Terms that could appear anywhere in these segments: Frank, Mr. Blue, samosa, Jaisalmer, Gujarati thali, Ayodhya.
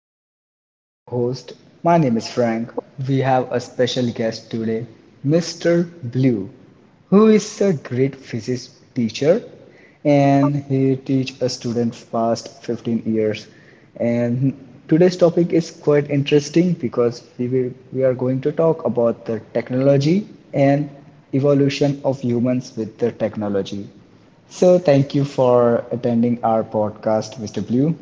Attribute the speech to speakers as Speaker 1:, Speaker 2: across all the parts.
Speaker 1: And I am your host. My name is Frank. We have a special guest today, Mr. Blue, who is a great physics teacher and he teach a student past 15 years. And today's topic is quite interesting because we are going to talk about the technology and evolution of humans with the technology. So thank you for attending our podcast, Mr. Blue.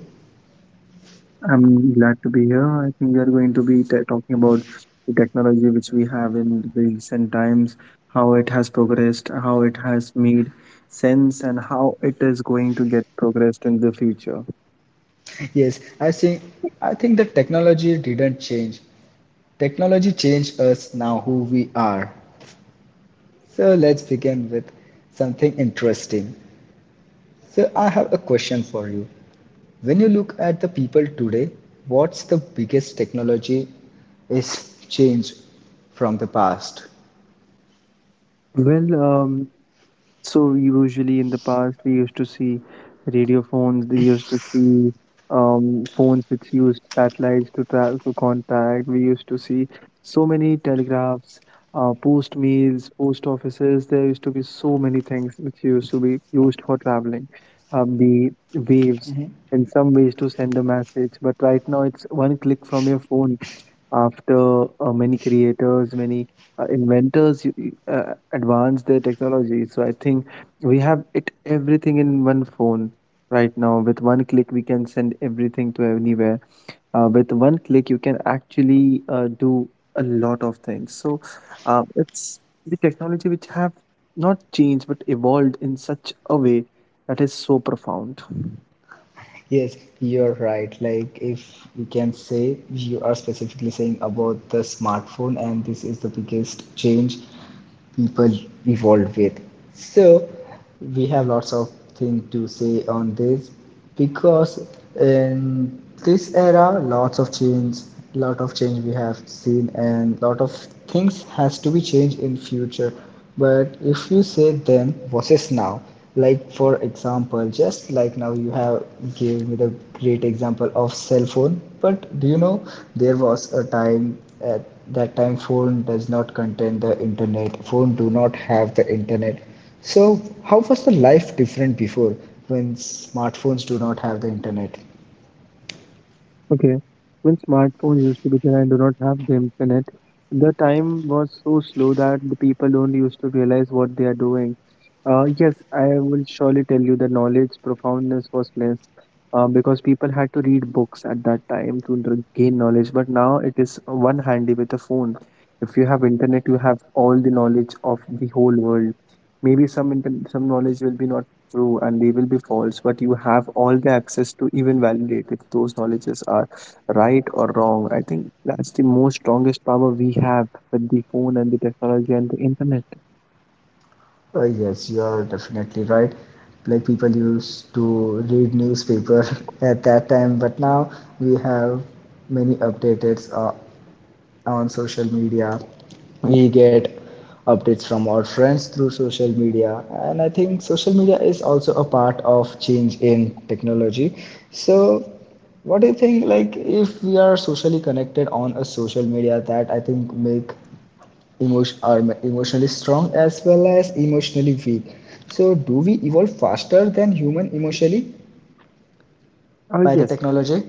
Speaker 2: I'm glad to be here. I think we are going to be talking about the technology which we have in the recent times, how it has progressed, how it has made sense, and how it is going to get progressed in the future.
Speaker 1: Yes, I think the technology didn't change. Technology changed us now who we are. So let's begin with something interesting. So I have a question for you. When you look at the people today, what's the biggest technology is change from the past?
Speaker 2: Well, um, So usually in the past we used to see radio phones, we used to see phones which used satellites to track to contact. We used to see so many telegraphs, post mails, post offices. There used to be so many things which used to be used for traveling. The waves in some ways to send a message, but right now it's one click from your phone after many creators many inventors you advanced their technology, so I think we have it everything in one phone. Right now with one click we can send everything to anywhere. With one click you can actually do a lot of things. So it's the technology which have not changed but evolved in such a way that is so profound.
Speaker 1: Yes, you're right. Like, if we can say, you are specifically saying about the smartphone, and this is the biggest change people evolved with. So, we have lots of things to say on this because in this era, lots of change, lot of change we have seen, and lot of things has to be changed in future. But if you say then versus now, like for example just like now you have gave me the great example of cell phone. But do you know there was a time at that time phone does not contain the internet, phone do not have the internet. So how was the life different before when smartphones do not have the internet?
Speaker 2: Okay, when smartphones used to be there, and do not have the internet. The time was so slow that the people don't used to realize what they are doing. Yes, I will surely tell you the knowledge profoundness was less because people had to read books at that time to gain knowledge. But now it is one handy with a phone. If you have internet, you have all the knowledge of the whole world. Maybe some knowledge will be not true, and they will be false, but you have all the access to even validate if those knowledges are right or wrong. I think that's the most strongest power we have with the phone and the technology and the internet.
Speaker 1: Yes, you are definitely right. Like people used to read newspaper at that time, but now we have many updates on social media. We get updates from our friends through social media, and I think social media is also a part of change in technology. So, what do you think? Like, if we are socially connected on a social media, that I think make emotion are emotionally strong as well as emotionally weak. So, do we evolve faster than human emotionally by the
Speaker 2: Yes.
Speaker 1: technology?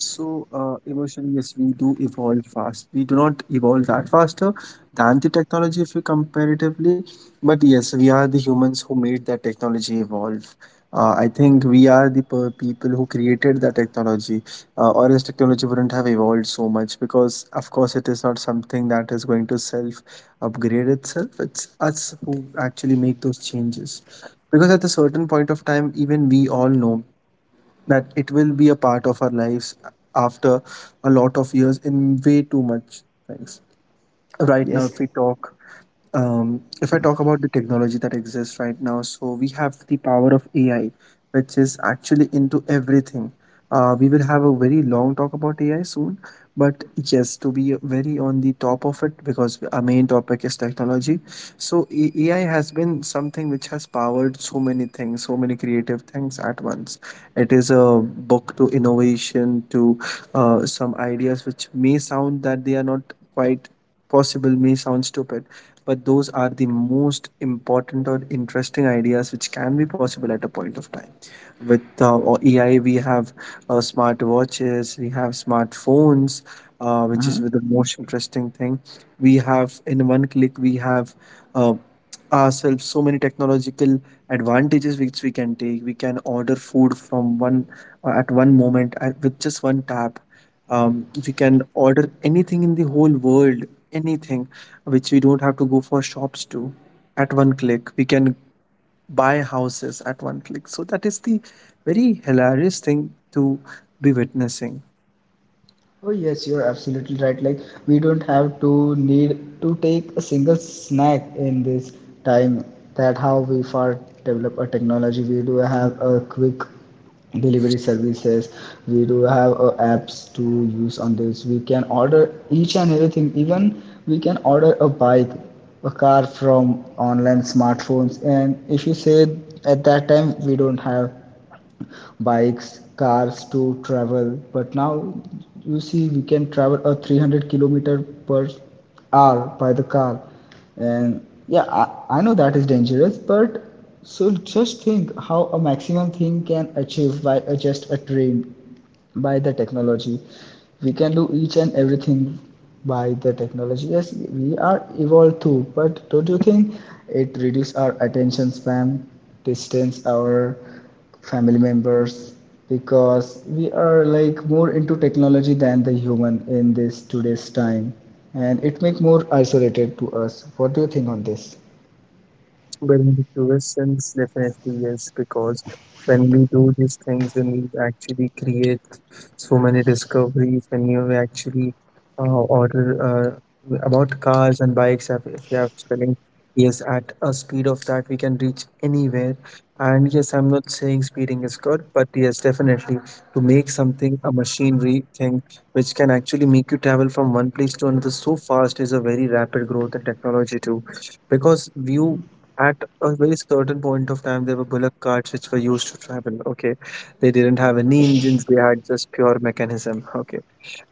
Speaker 2: So evolution, yes, we do evolve fast. We do not evolve that faster than the technology if you comparatively, but yes, we are the humans who made that technology evolve. I think we are the people who created that technology, or else technology wouldn't have evolved so much because, of course, it is not something that is going to self upgrade itself. It's us who actually make those changes. Because at a certain point of time, even we all know that it will be a part of our lives after a lot of years in way too much things. Right now,
Speaker 1: Yes.
Speaker 2: if we talk If I talk about the technology that exists right now, so we have the power of AI, which is actually into everything. We will have a very long talk about AI soon, but yes, to be very on the top of it, because our main topic is technology. So, AI has been something which has powered so many things, so many creative things at once. It is a book to innovation, to some ideas which may sound that they are not quite possible, may sound stupid, but those are the most important or interesting ideas which can be possible at a point of time. With AI, we have smart watches, we have smartphones, which is
Speaker 1: Mm-hmm.
Speaker 2: with the most interesting thing. We have in one click, we have uh, ourselves so many technological advantages which we can take. We can order food from one at one moment at, with just one tap. We can order anything in the whole world, anything which we don't have to go for shops to at one click. We can buy houses at one click. So that is the very hilarious thing to be witnessing.
Speaker 1: Oh yes, you're absolutely right. Like we don't have to need to take a single snack in this time. That how we far develop a technology. We do have a quick delivery services. We do have apps to use on this. We can order each and everything. Even we can order a bike, a car from online smartphones. And if you say at that time we don't have bikes, cars to travel. But now you see we can travel a 300 kilometer per hour by the car. And yeah, I know that is dangerous, but so just think how a maximum thing can achieve by a, just a train, by the technology. We can do each and everything by the technology. Yes, we are evolved too, but don't you think it reduces our attention span, distance our family members because we are like more into technology than the human in this today's time, and it make more isolated to us. What do you think on this?
Speaker 2: Benedictines, definitely yes, because when we do these things, when we actually create so many discoveries, when you actually uh, order about cars and bikes, if you have spelling, yes, at a speed of that, we can reach anywhere. And yes, I'm not saying speeding is good, but yes, definitely to make something a machinery thing which can actually make you travel from one place to another so fast is a very rapid growth in technology too, because you at a very certain point of time, there were bullock carts which were used to travel. Okay, they didn't have any engines; they had just pure mechanism. Okay,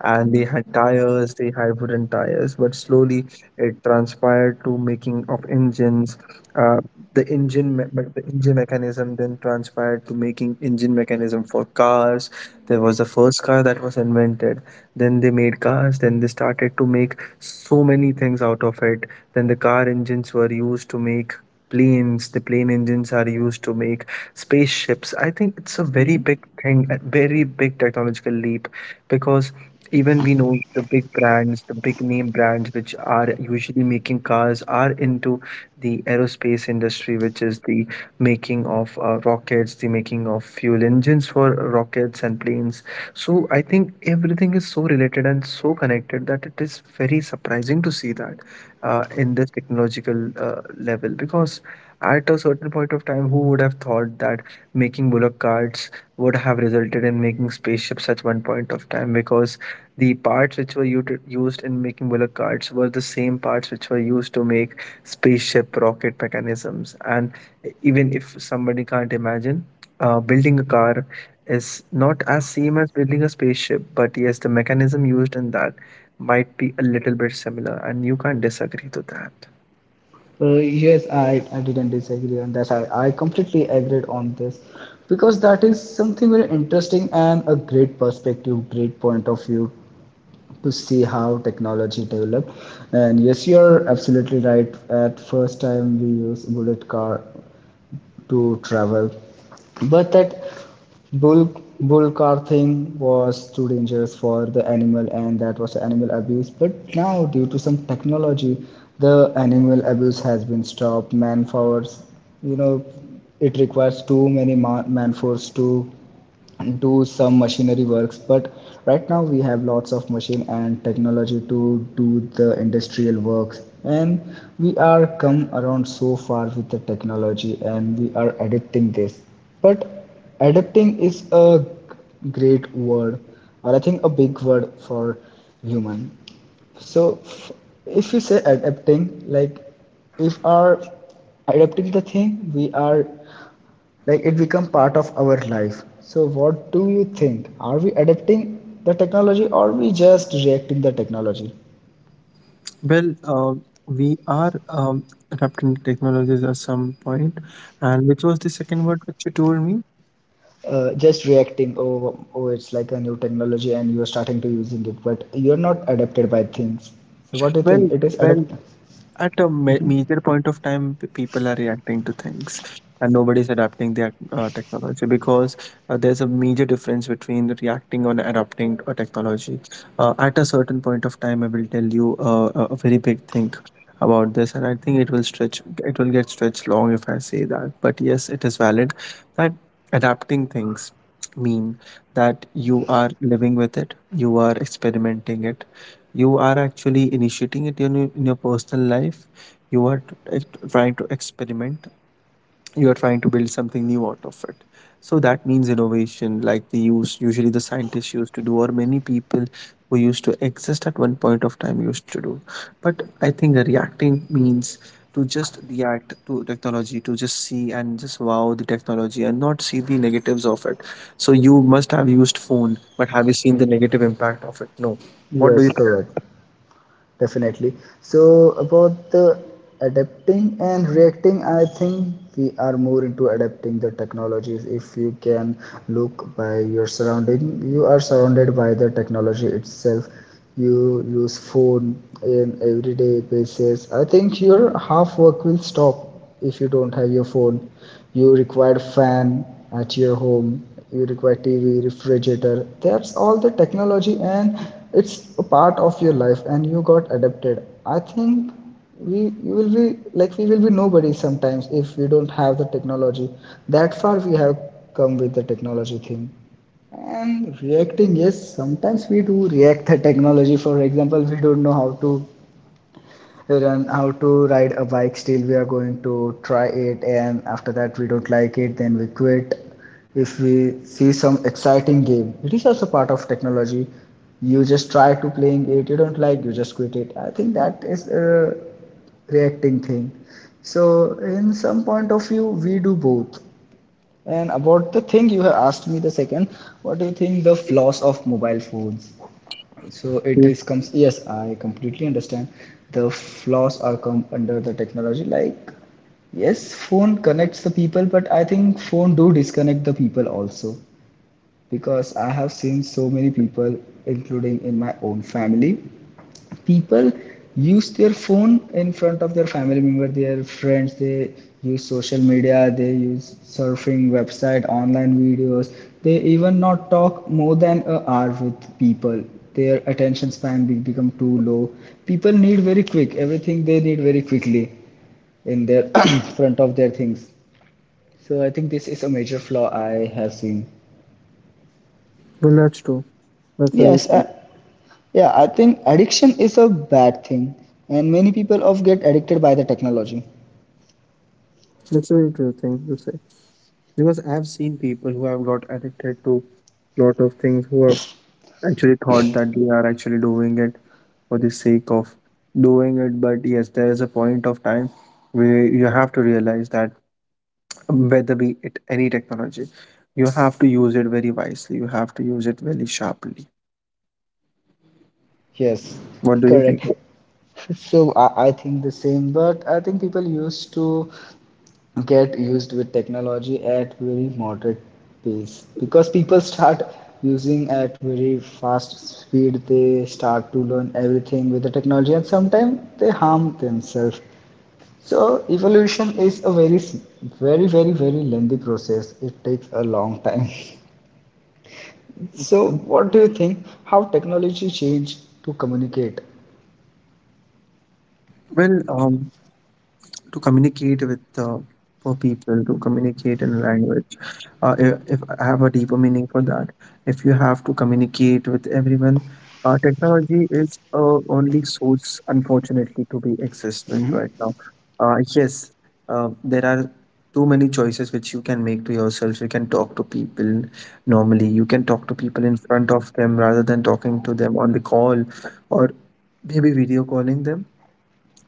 Speaker 2: and they had tires, they had wooden tires, but slowly it transpired to making of engines. Uh, the engine me- but the engine mechanism then transpired to making engine mechanism for cars. There was the first car that was invented, then they made cars, then they started to make so many things out of it. Then the car engines were used to make planes, the plane engines are used to make spaceships. I think it's a very big thing, a very big technological leap, because even we know the big brands, the big name brands which are usually making cars are into the aerospace industry, which is the making of rockets, the making of fuel engines for rockets and planes. So I think everything is so related and so connected that it is very surprising to see that in this technological level, because at a certain point of time who would have thought that making bullock carts would have resulted in making spaceships at one point of time, because the parts which were used in making bullet cards were the same parts which were used to make spaceship rocket mechanisms. And even if somebody can't imagine, building a car is not as same as building a spaceship, but yes, the mechanism used in that might be a little bit similar, and you can't disagree to that.
Speaker 1: Uh, yes I, I didn't disagree on that. I completely agreed on this because that is something very interesting and a great perspective, great point of view to see how technology developed. And yes, you're absolutely right, at first time we use bullet car to travel. But that bull bull car thing was too dangerous for the animal, and that was animal abuse. But now, due to some technology, the animal abuse has been stopped. Man force, you know, it requires too many man force to do some machinery works, but right now we have lots of machine and technology to do the industrial works. And we are come around so far with the technology and we are adapting this. But adapting is a great word or I think a big word for human. So if we say adapting, like if our adapting the thing, we are like it become part of our life. So what do you think? Are we adapting the technology or we just reacting the technology?
Speaker 2: Well, uh, we are wrapped in technologies at some point, and which was the second word which you told me?
Speaker 1: Just reacting. Oh, oh, it's like a new technology and you are starting to using it, but you are not adapted by things. So what do you think?
Speaker 2: Well,
Speaker 1: It is
Speaker 2: well,
Speaker 1: adapt.
Speaker 2: at a major point of time people are reacting to things and nobody's adapting their technology, because there's a major difference between reacting on adapting a technology. At a certain point of time I will tell you a very big thing about this, and I think it will get stretched long if I say that, but yes, it is valid that adapting things mean that you are living with it, you are experimenting it, you are actually initiating it in your personal life. you are t- trying to experiment, you are trying to build something new out of it. So that means innovation, like the use usually the scientists used to do, or many people who used to exist at one point of time used to do. But I think reacting means to just react to technology, to just see and just wow the technology and not see the negatives of it. So you must have used phone, but have you seen the negative impact of it? No, what
Speaker 1: Yes,
Speaker 2: do
Speaker 1: correct. Definitely. So about the adapting and reacting, I think we are more into adapting the technologies. If you can look by your surrounding, you are surrounded by the technology itself. You use phone in everyday basis. I think your half work will stop if you don't have your phone. You require fan at your home, you require TV, refrigerator, that's all the technology. And it's a part of your life and you got adapted. I think we you will be like we will be nobody sometimes if we don't have the technology. That far we have come with the technology thing. And reacting, yes, sometimes we do react the technology. For example, we don't know how to learn how to ride a bike, still we are going to try it, and after that we don't like it, then we quit. If we see some exciting game, it is also part of technology. You just try to playing it, you don't like, you just quit it. I think that is a reacting thing. So in some point of view we do both. And about the thing you have asked me the second, what do you think the flaws of mobile phones? So it
Speaker 2: you?
Speaker 1: is comes, yes, I completely understand. The flaws are come under the technology. Like yes, phone connects the people, but I think phone do disconnect the people also. Because I have seen so many people including in my own family, people use their phone in front of their family member, their friends. They use social media, they use surfing website, online videos. They even not talk more than a hour with people. Their attention become too low. People need very quick everything, they need very quickly in their front of their things. So I think this is a major flaw I have seen.
Speaker 2: Well, that's true. That's very
Speaker 1: Yes,
Speaker 2: true.
Speaker 1: yeah, I think addiction is a bad thing, and many people of get addicted by the technology.
Speaker 2: That's a very true thing to say. Because I've seen people who have got addicted to lot of things, who have actually thought that they are actually doing it for the sake of doing it. But yes, there is a point of time where you have to realize that whether be it any technology, you have to use it very wisely. You have to use it very sharply.
Speaker 1: Yes,
Speaker 2: What do you think?
Speaker 1: correct. So I think the same, but I think people used to get used with technology at very moderate pace because people start using at very fast speed. They start to learn everything with the technology, and sometimes they harm themselves. So evolution is a very, very, very, very lengthy process. It takes a long time. So
Speaker 2: Sure.
Speaker 1: what do you think? How technology changed to communicate?
Speaker 2: Well, um, to communicate with for people to communicate in a language, if I have a deeper meaning for that, if you have to communicate with everyone, technology is only source unfortunately to be exist
Speaker 1: Hmm.
Speaker 2: with right now. Yes, there are too many choices which you can make to yourself. You can talk to people normally, you can talk to people in front of them rather than talking to them on the call, or maybe video calling them.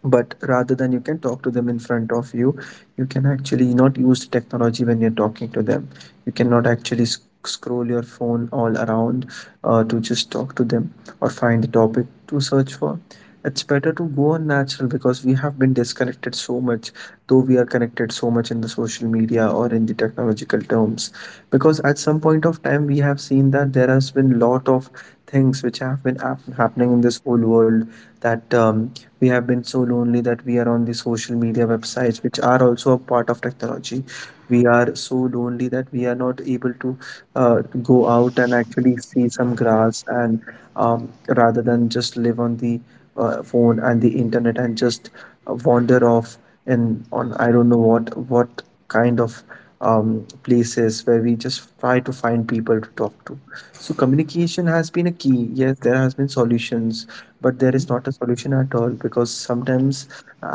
Speaker 2: But rather than, you can talk to them in front of you, you can actually not use technology when you're talking to them. You cannot actually scroll your phone all around to just talk to them or find the topic to search for. It's better to go on natural because we have been disconnected so much, though we are connected so much in the social media or in the technological terms. Because at some point of time we have seen that there has been lot of things which have been happening in this whole world, that we have been so lonely that we are on the social media websites, which are also a part of technology. We are so lonely that we are not able to uh, go out and actually see some grass, and rather than just live on the phone and the internet and just wander off in on I don't know what kind of places where we just try to find people to talk to. So communication has been a key. Yes, there has been solutions, but there is not a solution at all because sometimes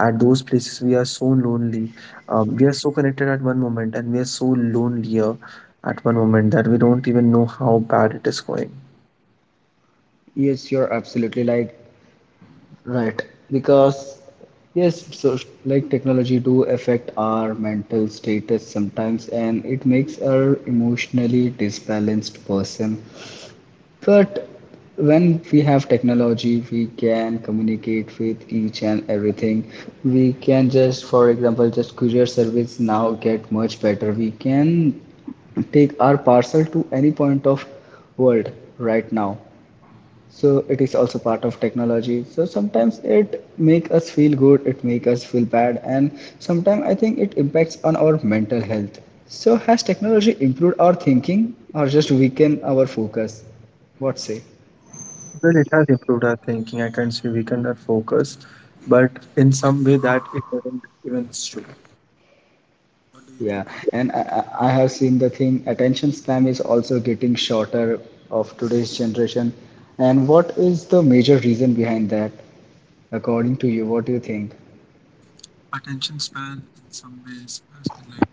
Speaker 2: at those places we are so lonely. We are so connected at one moment and we are so lonelier at one moment that we don't even know how bad it is going.
Speaker 1: Yes, you're absolutely like right. Because yes, so like technology do affect our mental status sometimes, and it makes our emotionally disbalanced person. But when we have technology, we can communicate with each and everything. We can just, for example, just courier service now get much better. We can take our parcel to any point of world right now. So it is also part of technology. So sometimes it make us feel good, it make us feel bad, and sometimes I think it impacts on our mental health. So has technology improved our thinking or just weaken our focus? What say?
Speaker 2: Well, it has improved our thinking. I can't say we cannot focus, but in some way that it doesn't even show. What do you
Speaker 1: Yeah.
Speaker 2: think?
Speaker 1: And I have seen the thing, attention span is also getting shorter of today's generation. And what is the major reason behind that, according to you? What do you think?
Speaker 2: Attention span in some ways has been like.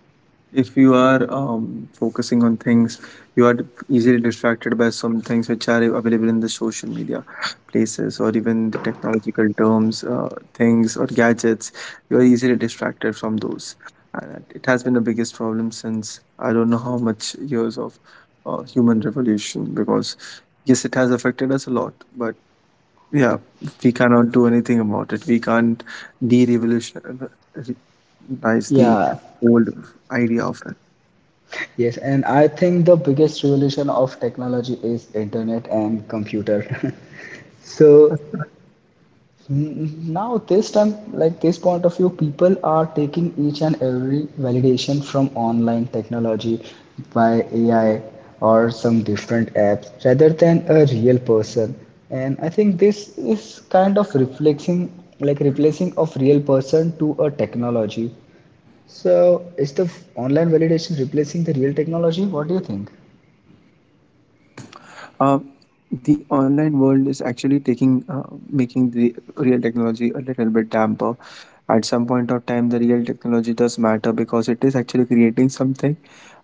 Speaker 2: If you are focusing on things, you are easily distracted by some things which are available in the social media places or even the technological terms, things or gadgets. You are easily distracted from those. And it has been the biggest problem since I don't know how much years of human revolution because, yes, it has affected us a lot, but yeah, we cannot do anything about it. We can't de revolutionize the
Speaker 1: Yeah.
Speaker 2: old idea of.
Speaker 1: Yes, and I think the biggest revolution of technology is internet and computer. So now this time, like this point of view, people are taking each and every validation from online technology by AI or some different apps rather than a real person. And I think this is kind of reflecting, like replacing of real person to a technology. So is the online validation replacing the real technology? What do you think?
Speaker 2: Uh, the online world is actually taking making the real technology a little bit damper. At some point of time, the real technology does matter because it is actually creating something.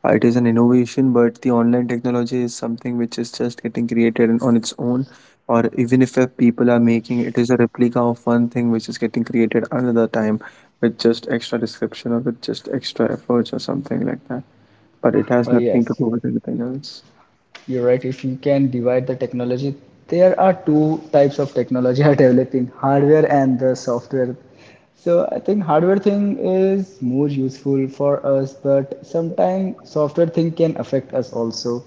Speaker 2: It is an innovation, but the online technology is something which is just getting created on its own. Or even if people are making, it is a replica of one thing which is getting created another time with just extra description or with just extra efforts or something like that. But it has nothing to do
Speaker 1: Yes,
Speaker 2: with anything else.
Speaker 1: you're right. If you can divide the technology, there are two types of technology are developing, hardware and the software. So I think hardware thing is more useful for us, but sometimes software thing can affect us also.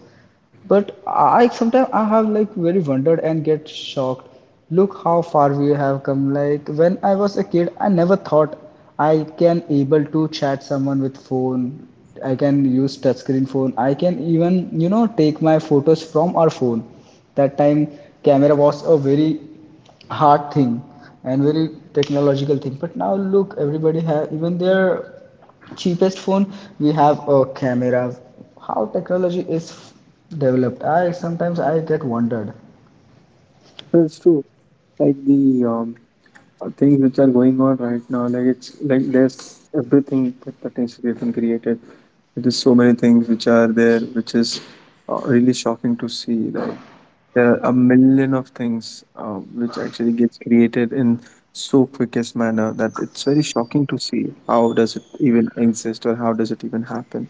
Speaker 1: But I sometimes I have like very wondered and get shocked. Look how far we have come. Like when I was a kid, I never thought I can able to chat someone with phone. I can use touchscreen phone. I can even you know take my photos from our phone. That time camera was a very hard thing and very technological thing. But now look, everybody have even their cheapest phone. We have a camera. How technology is developed? I sometimes I get wondered.
Speaker 2: That's true. Like the things which are going on right now, like it's like there's everything that pertains to getting created, there's so many things which are there which is really shocking to see. Like there are a million of things which actually gets created in so quickest manner that it's very shocking to see how does it even exist or how does it even happen.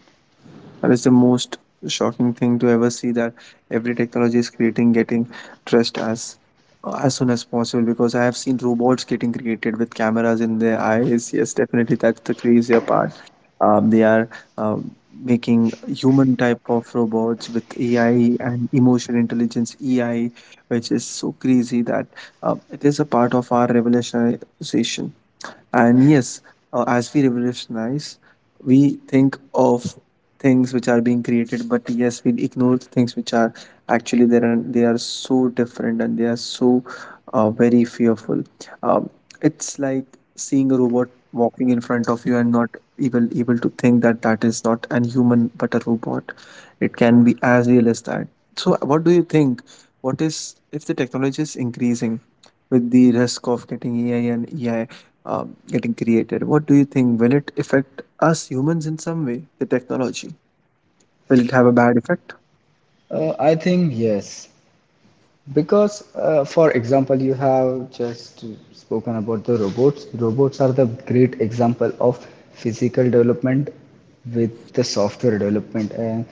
Speaker 2: That is the most shocking thing to ever see, that every technology is creating getting trust as soon as possible, because I have seen robots getting created with cameras in their eyes. Yes, definitely that's the crazier part. They are making human type of robots with AI and emotional intelligence AI, which is so crazy that it is a part of our revolutionization. And yes, as we revolutionize, we think of things which are being created, but yes, we ignore things which are actually there and they are so different and they are so very fearful. Um, it's like seeing a robot walking in front of you and not even able to think that that is not an human but a robot. It can be as real as that. So, what do you think? What is if the technology is increasing with the risk of getting AI and EI getting created? What do you think? Will it affect us humans in some way, the technology? Will it have a bad effect?
Speaker 1: I think yes. Because, for example, you have just spoken about the robots. Robots are the great example of physical development with the software development. And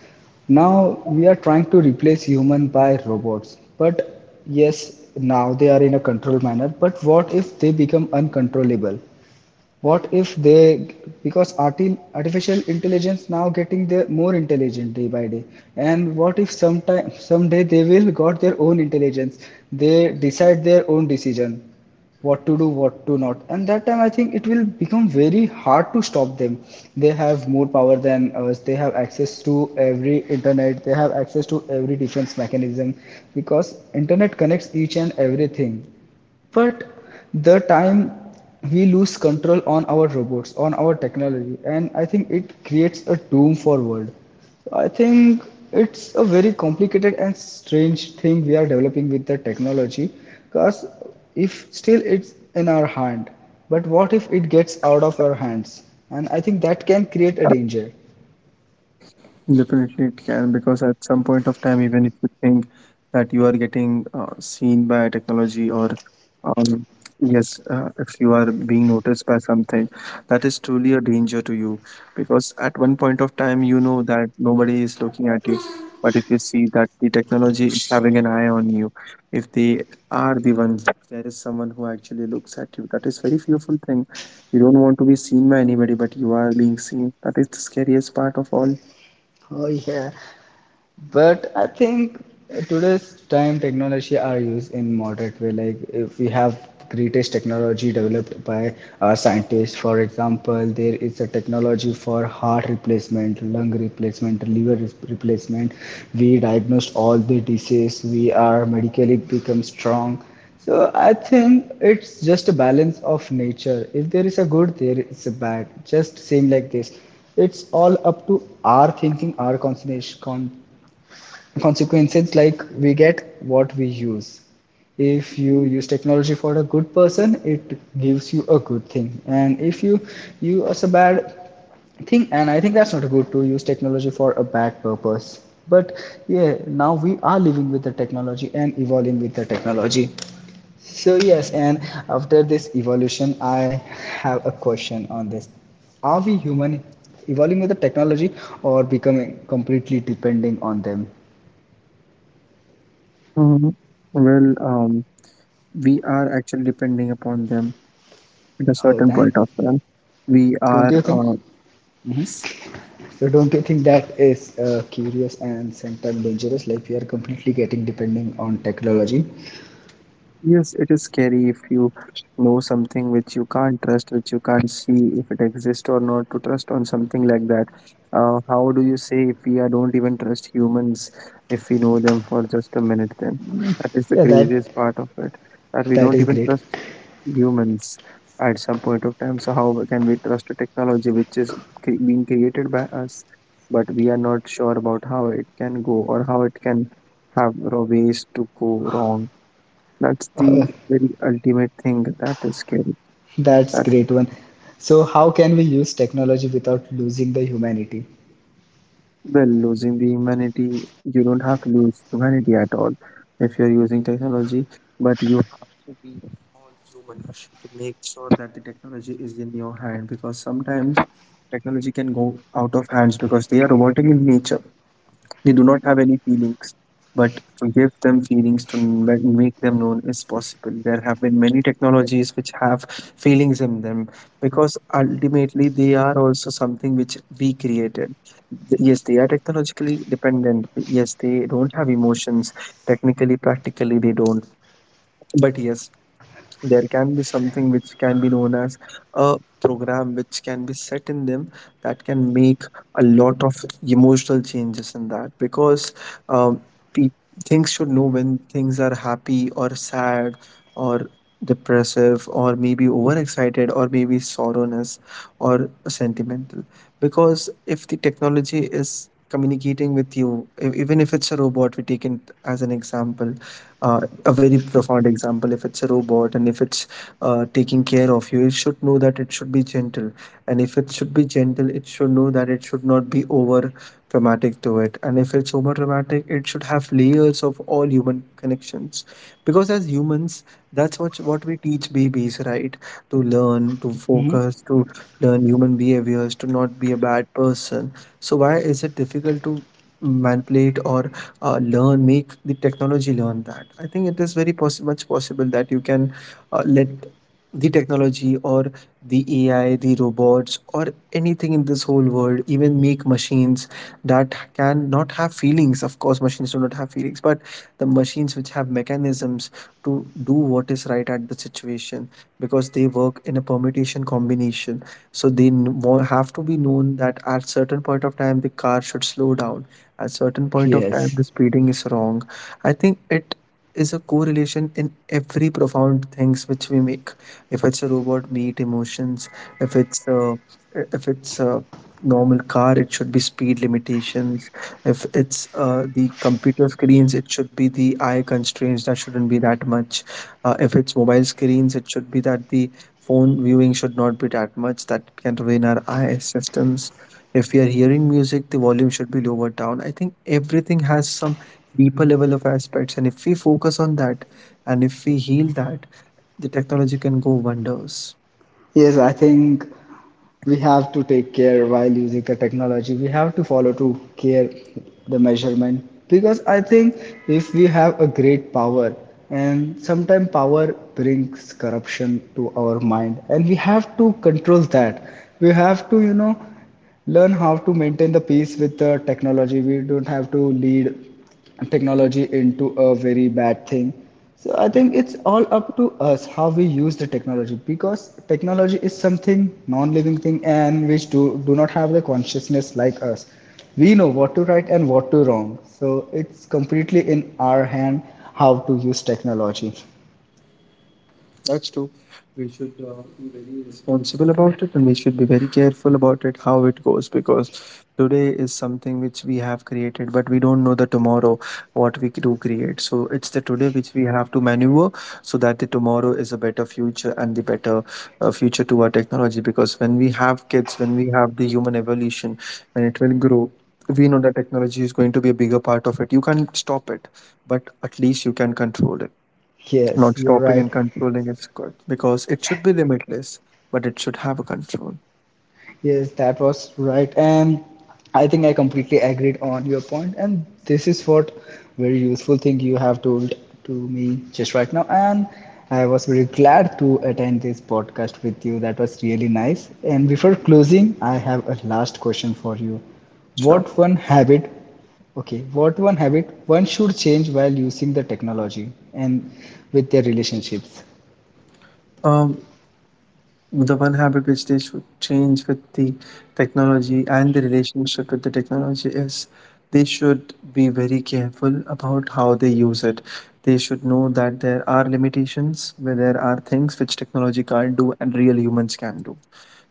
Speaker 1: now we are trying to replace human by robots. But yes, now they are in a controlled manner. But what if they become uncontrollable? What if they, because artificial intelligence now getting their more intelligent day by day, and what if sometime someday they will got their own intelligence, they decide their own decision, what to do what to not? And that time I think it will become very hard to stop them. They have more power than us, they have access to every internet, they have access to every defense mechanism, because internet connects each and everything. But the time we lose control on our robots, on our technology, and I think it creates a doom for world. So I think it's a very complicated and strange thing we are developing with the technology. Because if still it's in our hand, but what if it gets out of our hands? And I think that can create a danger.
Speaker 2: Definitely, it can, because at some point of time, even if you think that you are getting seen by technology, or um, yes, if you are being noticed by something, that is truly a danger to you, because at one point of time, you know that nobody is looking at you. But if you see that the technology is having an eye on you, if they are the ones, if there is someone who actually looks at you, that is very fearful thing. You don't want to be seen by anybody, but you are being seen. That is the scariest part of all.
Speaker 1: Oh, yeah. But I think today's time technology are used in moderate way. Like if we have greatest technology developed by our scientists, for example, there is a technology for heart replacement, lung replacement, liver replacement. We diagnosed all the disease. We are medically become strong. So I think it's just a balance of nature. If there is a good, there is a bad. Just same like this. It's all up to our thinking, our concentration, consequences, like we get what we use. If you use technology for a good person, it gives you a good thing, and if you use a bad thing, and I think that's not good to use technology for a bad purpose. But yeah, now we are living with the technology and evolving with the technology. So yes, and after this evolution, I have a question on this. Are we human evolving with the technology, or becoming completely depending on them?
Speaker 2: Mhm. Well, we are actually depending upon them at a
Speaker 1: Oh,
Speaker 2: certain
Speaker 1: that,
Speaker 2: point of time. We
Speaker 1: don't
Speaker 2: are
Speaker 1: you think? Mhm. So don't you think that is curious and sometimes dangerous? Like we are completely getting depending on technology.
Speaker 2: yes, it is scary if you know something which you can't trust, which you can't see if it exists or not, to trust on something like that. How do you say if we are, don't even trust humans if we know them for just a minute? Then that is the
Speaker 1: Yeah,
Speaker 2: craziest part of it, that we
Speaker 1: that
Speaker 2: don't
Speaker 1: is
Speaker 2: even
Speaker 1: great.
Speaker 2: trust humans at some point of time. So, how can we trust a technology which is being created by us, but we are not sure about how it can go or how it can have ways to go wrong? That's
Speaker 1: Uh,
Speaker 2: the very ultimate thing that is scary.
Speaker 1: that's
Speaker 2: That,
Speaker 1: great one. So how can we use technology without losing the humanity?
Speaker 2: well, losing the humanity, you don't have to lose humanity at all if you're using technology, but you have to be all human to make sure that the technology is in your hand, because sometimes technology can go out of hands because they are robotic in nature. They do not have any feelings, but to give them feelings to make them known is possible. There have been many technologies which have feelings in them, because ultimately they are also something which we created. Yes, they are technologically dependent. Yes, they don't have emotions. Technically, practically, they don't. But yes, there can be something which can be known as a program which can be set in them that can make a lot of emotional changes in that, because um, pe- things should know when things are happy or sad or depressive or maybe overexcited or maybe sorrowness or sentimental, because if the technology is communicating with you, even if it's a robot, we take it as an example, uh, a very profound example. If it's a robot and if it's taking care of you, it should know that it should be gentle, and if it should be gentle, it should know that it should not be over traumatic to it, and if it's over traumatic, it should have layers of all human connections, because as humans, that's what we teach babies, right? To learn, to
Speaker 1: Hmm.
Speaker 2: focus, to learn human behaviors, to not be a bad person. So why is it difficult to manipulate or learn, make the technology learn that? I think it is very possi much possible that you can let the technology or the AI, the robots, or anything in this whole world, even make machines that can not have feelings. Of course, machines do not have feelings, but the machines which have mechanisms to do what is right at the situation, because they work in a permutation combination. So they have to be known that at certain point of time the car should slow down, at certain point of
Speaker 1: Yes.
Speaker 2: time, the speeding is wrong. I think it is a correlation in every profound things which we make. If it's a robot, meet emotions. If it's a, if it's a normal car, it should be speed limitations. If it's the computer screens, it should be the eye constraints that shouldn't be that much. If it's mobile screens, it should be that the phone viewing should not be that much that can ruin our eye systems. If we are hearing music, the volume should be lowered down. I think everything has some deeper level of aspects, and if we focus on that and if we heal that, the technology can go wonders.
Speaker 1: Yes, I think we have to take care while using the technology, we have to follow to care the measurement, because I think if we have a great power, and sometimes power brings corruption to our mind and we have to control that. We have to, you know, learn how to maintain the peace with the technology. We don't have to lead technology into a very bad thing. So I think it's all up to us how we use the technology, because technology is something non-living thing and which do not have the consciousness like us. We know what to right and what to wrong. So it's completely in our hand how to use technology.
Speaker 2: That's true. We should be very responsible about it and we should be very careful about it, how it goes, because today is something which we have created, but we don't know the tomorrow what we do create. So it's the today which we have to maneuver so that the tomorrow is a better future and the better future to our technology. Because when we have kids, when we have the human evolution, when it will grow, we know that technology is going to be a bigger part of it. You can't stop it, but at least you can control it.
Speaker 1: Yes,
Speaker 2: Not
Speaker 1: you're
Speaker 2: stopping
Speaker 1: right.
Speaker 2: and controlling is good, because it should be limitless, but it should have a control.
Speaker 1: Yes, that was right. And I think I completely agreed on your point. And this is what very useful thing you have told to me just right now. And I was very glad to attend this podcast with you. That was really nice. And before closing, I have a last question for you.
Speaker 2: Sure.
Speaker 1: What one habit, okay, what one habit one should change while using the technology and with their relationships?
Speaker 2: Um, the one habit which they should change with the technology and the relationship with the technology is they should be very careful about how they use it. They should know that there are limitations, where there are things which technology can't do and real humans can do.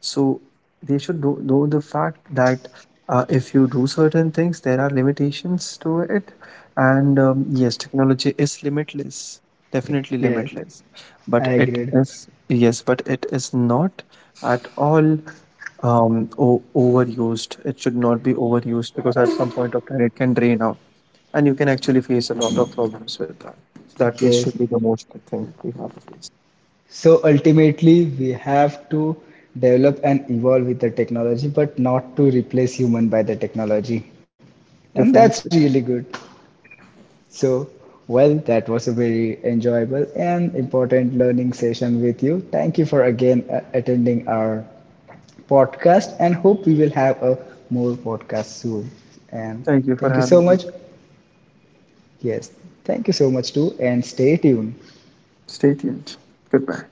Speaker 2: So they should know the fact that if you do certain things there are limitations to it, and yes, technology is limitless, definitely
Speaker 1: Yes,
Speaker 2: limitless, but
Speaker 1: I
Speaker 2: it
Speaker 1: agreed.
Speaker 2: is, yes, but it is not at all overused. It should not be overused because at some point of time it can drain out and you can actually face a lot of problems with that. So that way should
Speaker 1: Yes.
Speaker 2: be the most thing we have to face.
Speaker 1: So ultimately, we have to develop and evolve with the technology, but not to replace human by the technology. And that's
Speaker 2: Definitely.
Speaker 1: really good. So, well, that was a very enjoyable and important learning session with you. Thank you for again attending our podcast and hope we will have a more podcast soon. And
Speaker 2: Thank you for
Speaker 1: thank you so
Speaker 2: having me.
Speaker 1: much. Yes, thank you so much too and stay tuned.
Speaker 2: Stay tuned. Goodbye.